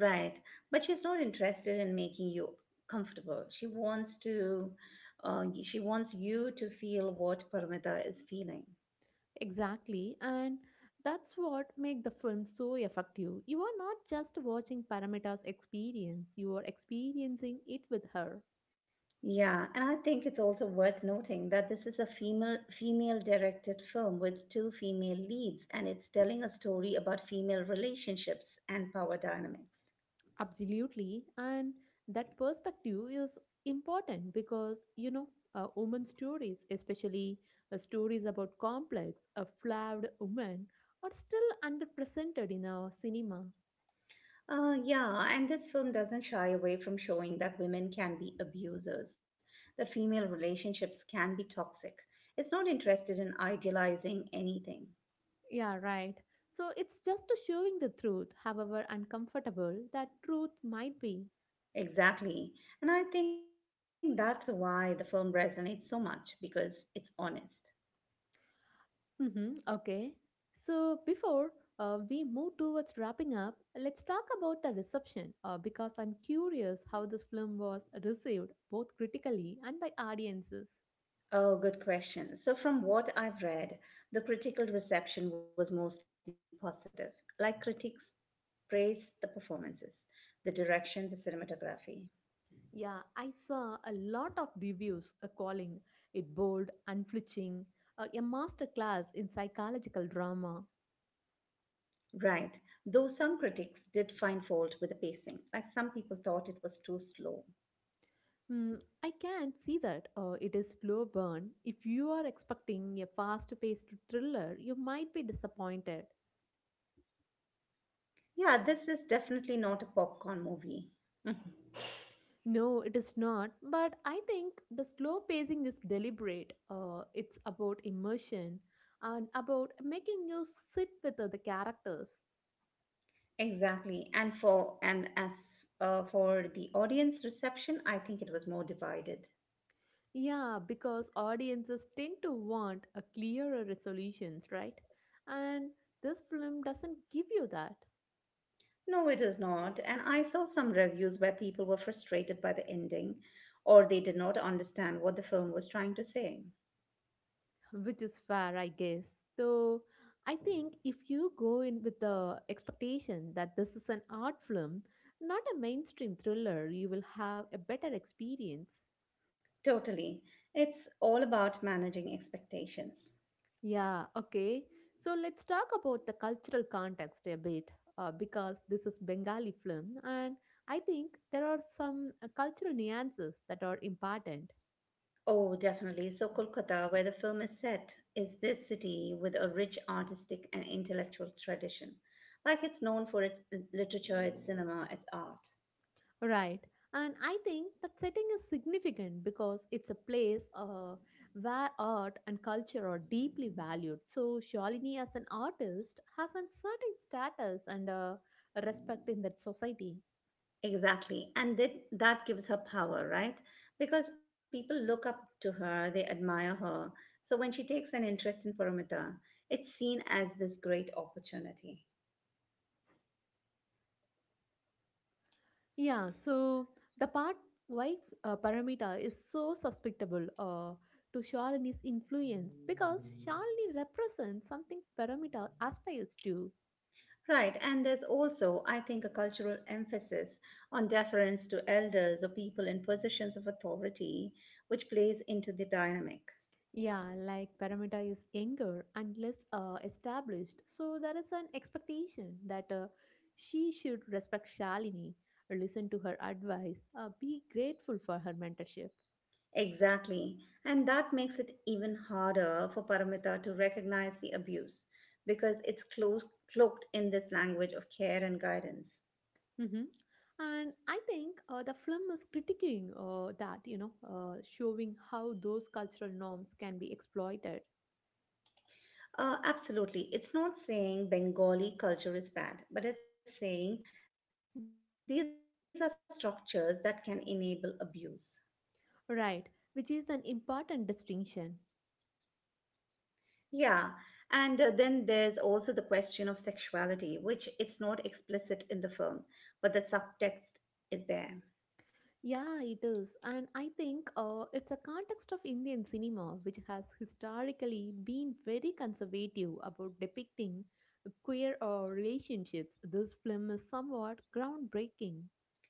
Right. But she's not interested in making you comfortable. She wants to, uh, she wants you to feel what Paramita is feeling.
Exactly, and that's what make the film so effective. You are not just watching Paramita's experience, you are experiencing it with her.
Yeah, and I think it's also worth noting that this is a female female directed film with two female leads, and it's telling a story about female relationships and power dynamics.
Absolutely, and that perspective is important because you know uh, women stories, especially uh, stories about complex, uh, flawed women, are still underrepresented in our cinema.
Uh, yeah, and this film doesn't shy away from showing that women can be abusers, that female relationships can be toxic. It's not interested in idealizing anything.
Yeah, right. So it's just a showing the truth, however uncomfortable that truth might be.
Exactly. And I think that's why the film resonates so much, because it's honest.
Mm-hmm, okay. So before uh, we move towards wrapping up, let's talk about the reception uh, because I'm curious how this film was received both critically and by audiences.
Oh, good question. So, from what I've read, the critical reception was mostly positive. Like critics praised the performances, the direction, the cinematography.
Yeah, I saw a lot of reviews uh, calling it bold, unflinching, uh, a masterclass in psychological drama.
Right, though some critics did find fault with the pacing, like some people thought it was too slow.
Hmm, I can see that uh, it is slow burn. If you are expecting a fast-paced thriller, you might be disappointed.
Yeah, this is definitely not a popcorn movie. Mhm.
No, it is not. But I think the slow pacing is deliberate. Uh, it's about immersion and about making you sit with other characters.
Exactly, and for and as uh, for the audience reception, I think it was more divided.
Yeah, because audiences tend to want a clearer resolutions, right? And this film doesn't give you that.
No, it is not, and I saw some reviews where people were frustrated by the ending, or they did not understand what the film was trying to say.
Which is fair, I guess. So I think if you go in with the expectation that this is an art film, not a mainstream thriller, you will have a better experience.
Totally, it's all about managing expectations.
Yeah, okay, so let's talk about the cultural context a bit, uh, because this is bengali film and I think there are some uh, cultural nuances that are important.
Oh, definitely. So, Kolkata, where the film is set, is this city with a rich artistic and intellectual tradition. Like it's known for its literature, its cinema, its art.
Right. And I think that setting is significant because it's a place uh, where art and culture are deeply valued. So, Shalini, as an artist, has a certain status and, uh, respect in that society.
Exactly. And that, that gives her power, right? Because people look up to her, they admire her. So, when she takes an interest in Paramita, it's seen as this great opportunity.
Yeah, so the part why uh, Paramita is so susceptible uh, to Shalini's influence because Shalini represents something Paramita aspires to.
Right, and there's also, I think, a cultural emphasis on deference to elders or people in positions of authority, which plays into the dynamic.
Yeah, like Paramita is younger and less uh, established, so there is an expectation that uh, she should respect Shalini, listen to her advice, uh, be grateful for her mentorship.
Exactly, and that makes it even harder for Paramita to recognize the abuse because it's clo- cloaked in this language of care and guidance.
Hmm. And I think uh, the film is critiquing uh, that, you know, uh, showing how those cultural norms can be exploited.
Uh, absolutely. It's not saying Bengali culture is bad, but it's saying these are structures that can enable abuse.
Right, which is an important distinction.
Yeah. And uh, then there's also the question of sexuality, which it's not explicit in the film, but the subtext is there.
Yeah, it is. And I think uh, it's a context of Indian cinema which has historically been very conservative about depicting queer uh, relationships. This film is somewhat groundbreaking,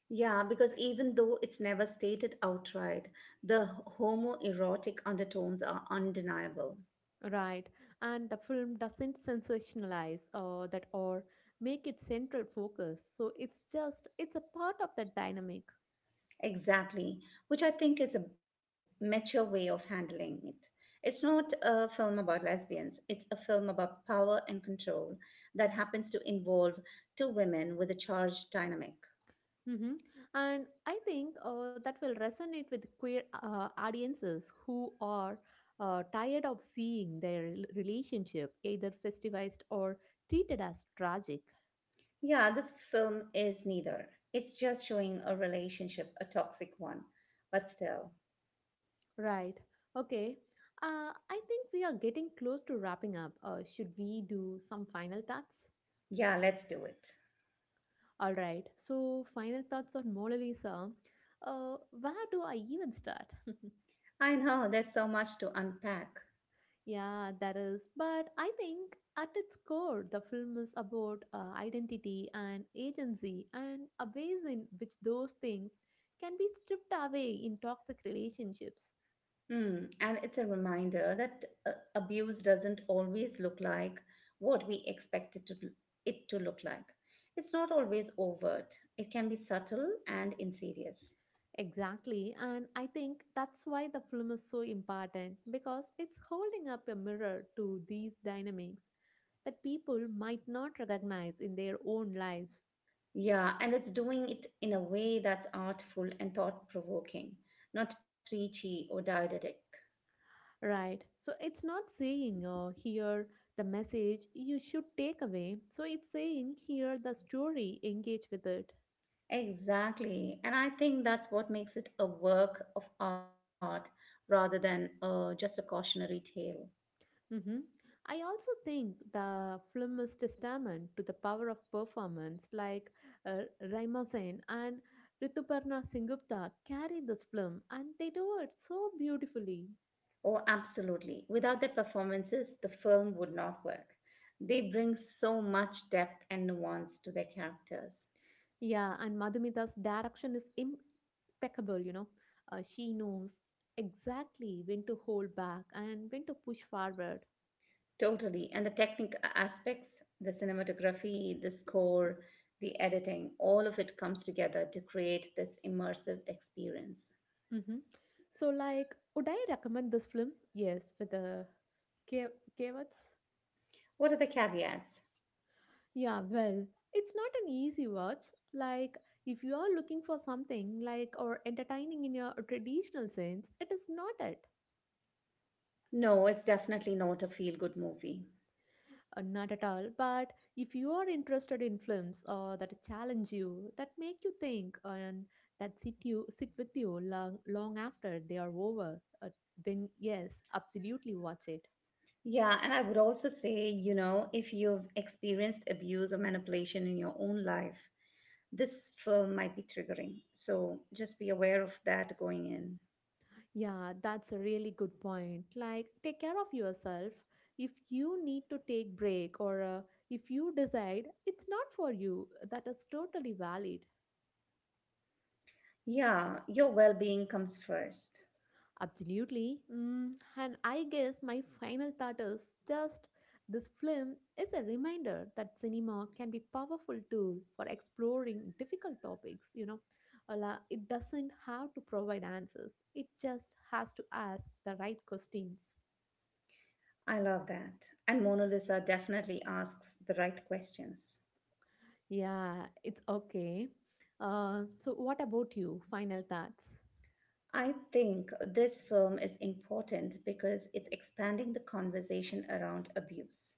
Yeah, because even though it's never stated outright, the homoerotic undertones are undeniable.
right? And the film doesn't sensationalize uh, that or make it central focus. So it's just, it's a part of that dynamic.
Exactly, which I think is a mature way of handling it. It's not a film about lesbians, it's a film about power and control that happens to involve two women with a charged dynamic.
Mm-hmm. And I think uh, that will resonate with queer uh, audiences who are uh, tired of seeing their rel- relationship either festivized or treated as tragic.
Yeah, this film is neither. It's just showing a relationship, a toxic one. But still,
Right. Okay. Uh, I think we are getting close to wrapping up. Uh, should we do some final thoughts?
yeah, let's do it.
All right. So, final thoughts on Mona Lisa. Uh, where do I even start?
I know there's so much to unpack.
Yeah, that is. But I think at its core, the film is about uh, identity and agency and a ways in which those things can be stripped away in toxic relationships.
Hmm, and it's a reminder that uh, abuse doesn't always look like what we expect it to, it to look like. It's not always overt, it can be subtle and insidious.
Exactly. And I think that's why the film is so important because it's holding up a mirror to these dynamics that people might not recognize in their own lives.
Yeah, and it's doing it in a way that's artful and thought provoking, not preachy or didactic.
Right. So it's not saying, uh, here the message you should take away. So it's saying here the story, engage with it.
Exactly. And I think that's what makes it a work of art rather than uh, just a cautionary tale.
Hmm. I also think the film is testament to the power of performance, like, uh, Raima Sen and Rituparna Singupta carry this film and they do it so beautifully.
Oh, absolutely. Without their performances, the film would not work. They bring so much depth and nuance to their characters.
Yeah, and Madhumita's direction is impeccable, you know. Uh, she knows exactly when to hold back and when to push forward.
Totally. And the technical aspects, the cinematography, the score, the editing, all of it comes together to create this immersive experience.
Mm-hmm. So, like, would I recommend this film? Yes, with the K- Kavats.
What are the caveats?
Yeah, well, it's not an easy watch. Like, if you are looking for something like or entertaining in your traditional sense, it is not it.
No, it's definitely not a feel good movie.
Uh, not at all. But if you are interested in films uh, that challenge you, that make you think, uh, and that sit you sit with you long long after they are over, uh, then yes, absolutely watch it.
Yeah, and I would also say, you know, if you've experienced abuse or manipulation in your own life, this film might be triggering. So just be aware of that going in.
Yeah, that's a really good point. Like, take care of yourself. If you need to take break or, uh, if you decide it's not for you, that is totally valid.
Yeah, your well being comes first.
Absolutely. Mm, and I guess my final thought is just this film is a reminder that cinema can be powerful tool for exploring difficult topics, you know. Ala- It doesn't have to provide answers. It just has to ask the right questions.
I love that. And Mona Lisa definitely asks the right questions.
Yeah, it's okay. Uh, so, what about you? Final thoughts?
I think this film is important because it's expanding the conversation around abuse.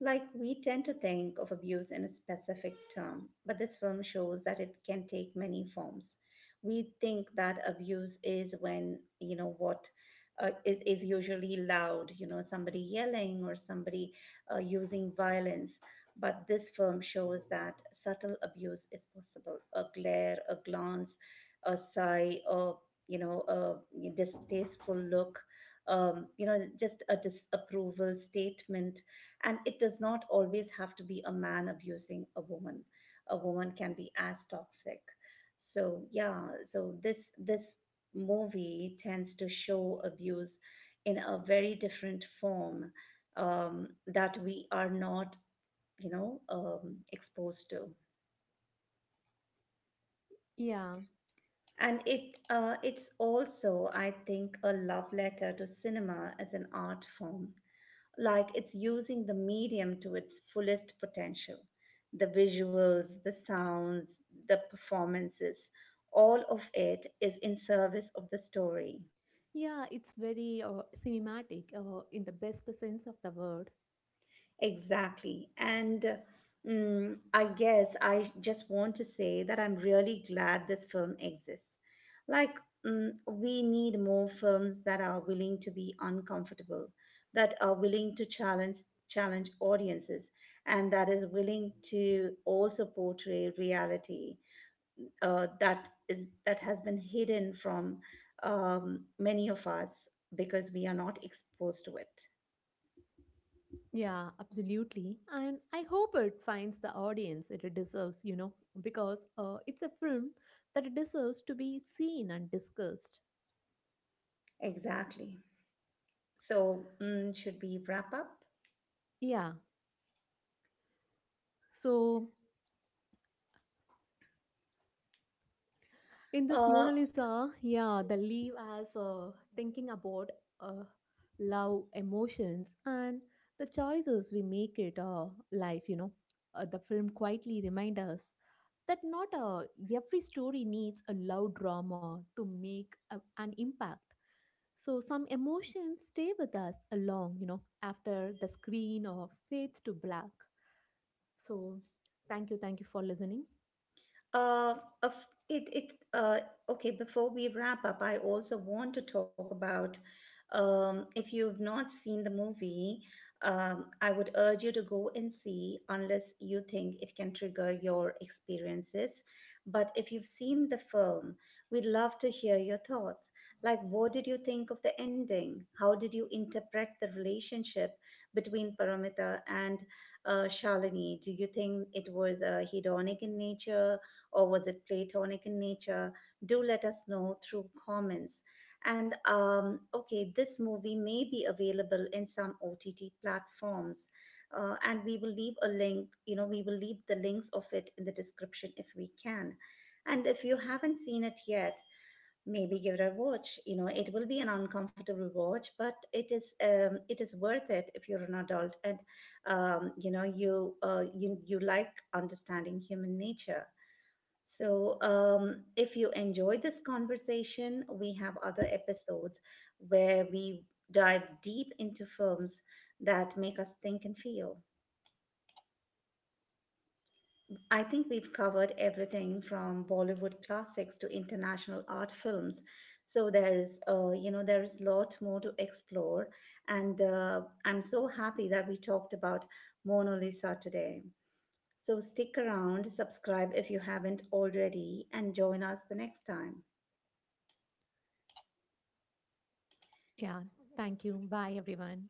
Like, we tend to think of abuse in a specific term, but this film shows that it can take many forms. We think that abuse is when, you know, what uh, is, is usually loud, you know, somebody yelling or somebody uh, using violence. But this film shows that subtle abuse is possible: a glare, a glance, a sigh, a you know, a distasteful look, um, you know, just a disapproval statement. And it does not always have to be a man abusing a woman. A woman can be as toxic. So yeah, so this this movie tends to show abuse in a very different form um, that we are not, you know, um, exposed to.
Yeah,
And it uh, it's also, I think, a love letter to cinema as an art form. Like it's using the medium to its fullest potential. The visuals, the sounds, the performances, all of it is in service of the story.
yeah, it's very uh, cinematic uh, in the best sense of the word.
Exactly. And mm, I guess I just want to say that I'm really glad this film exists. Like, mm, we need more films that are willing to be uncomfortable, that are willing to challenge challenge audiences, and that is willing to also portray reality uh, that is that has been hidden from um, many of us because we are not exposed to it.
Yeah, absolutely. And I hope it finds the audience it deserves, you know, because uh, it's a film that deserves to be seen and discussed.
Exactly. So, mm, should we wrap up?
Yeah, so in this
Uh,
Mona Lisa, yeah, the leave as, uh, thinking about uh, love, emotions, and the choices we make it uh, life, you know. Uh, the film quietly reminds us that not, uh, every story needs a loud drama to make a, an impact. So some emotions stay with us along, you know, after the screen or fades to black. So thank you, thank you for listening.
Uh, of it, it, uh, okay, before we wrap up, I also want to talk about um, if you've not seen the movie, um, I would urge you to go and see, unless you think it can trigger your experiences. But if you've seen the film, we'd love to hear your thoughts. Like, what did you think of the ending? How did you interpret the relationship between Paramita and uh, Shalini? Do you think it was uh, hedonic in nature, or was it platonic in nature? Do let us know through comments. And um, okay, this movie may be available in some O T T platforms. Uh, and we will leave a link, you know, we will leave the links of it in the description if we can. And if you haven't seen it yet, maybe give it a watch. You know, it will be an uncomfortable watch, but it is um, it is worth it if you're an adult and um, you know you uh, you you like understanding human nature. So, um, if you enjoyed this conversation, we have other episodes where we dive deep into films that make us think and feel. I think we've covered everything from Bollywood classics to international art films. So there's, uh, you know, there is a lot more to explore, and uh, I'm so happy that we talked about Mona Lisa today. So stick around, subscribe if you haven't already, and join us the next time.
Yeah, thank you. Bye, everyone.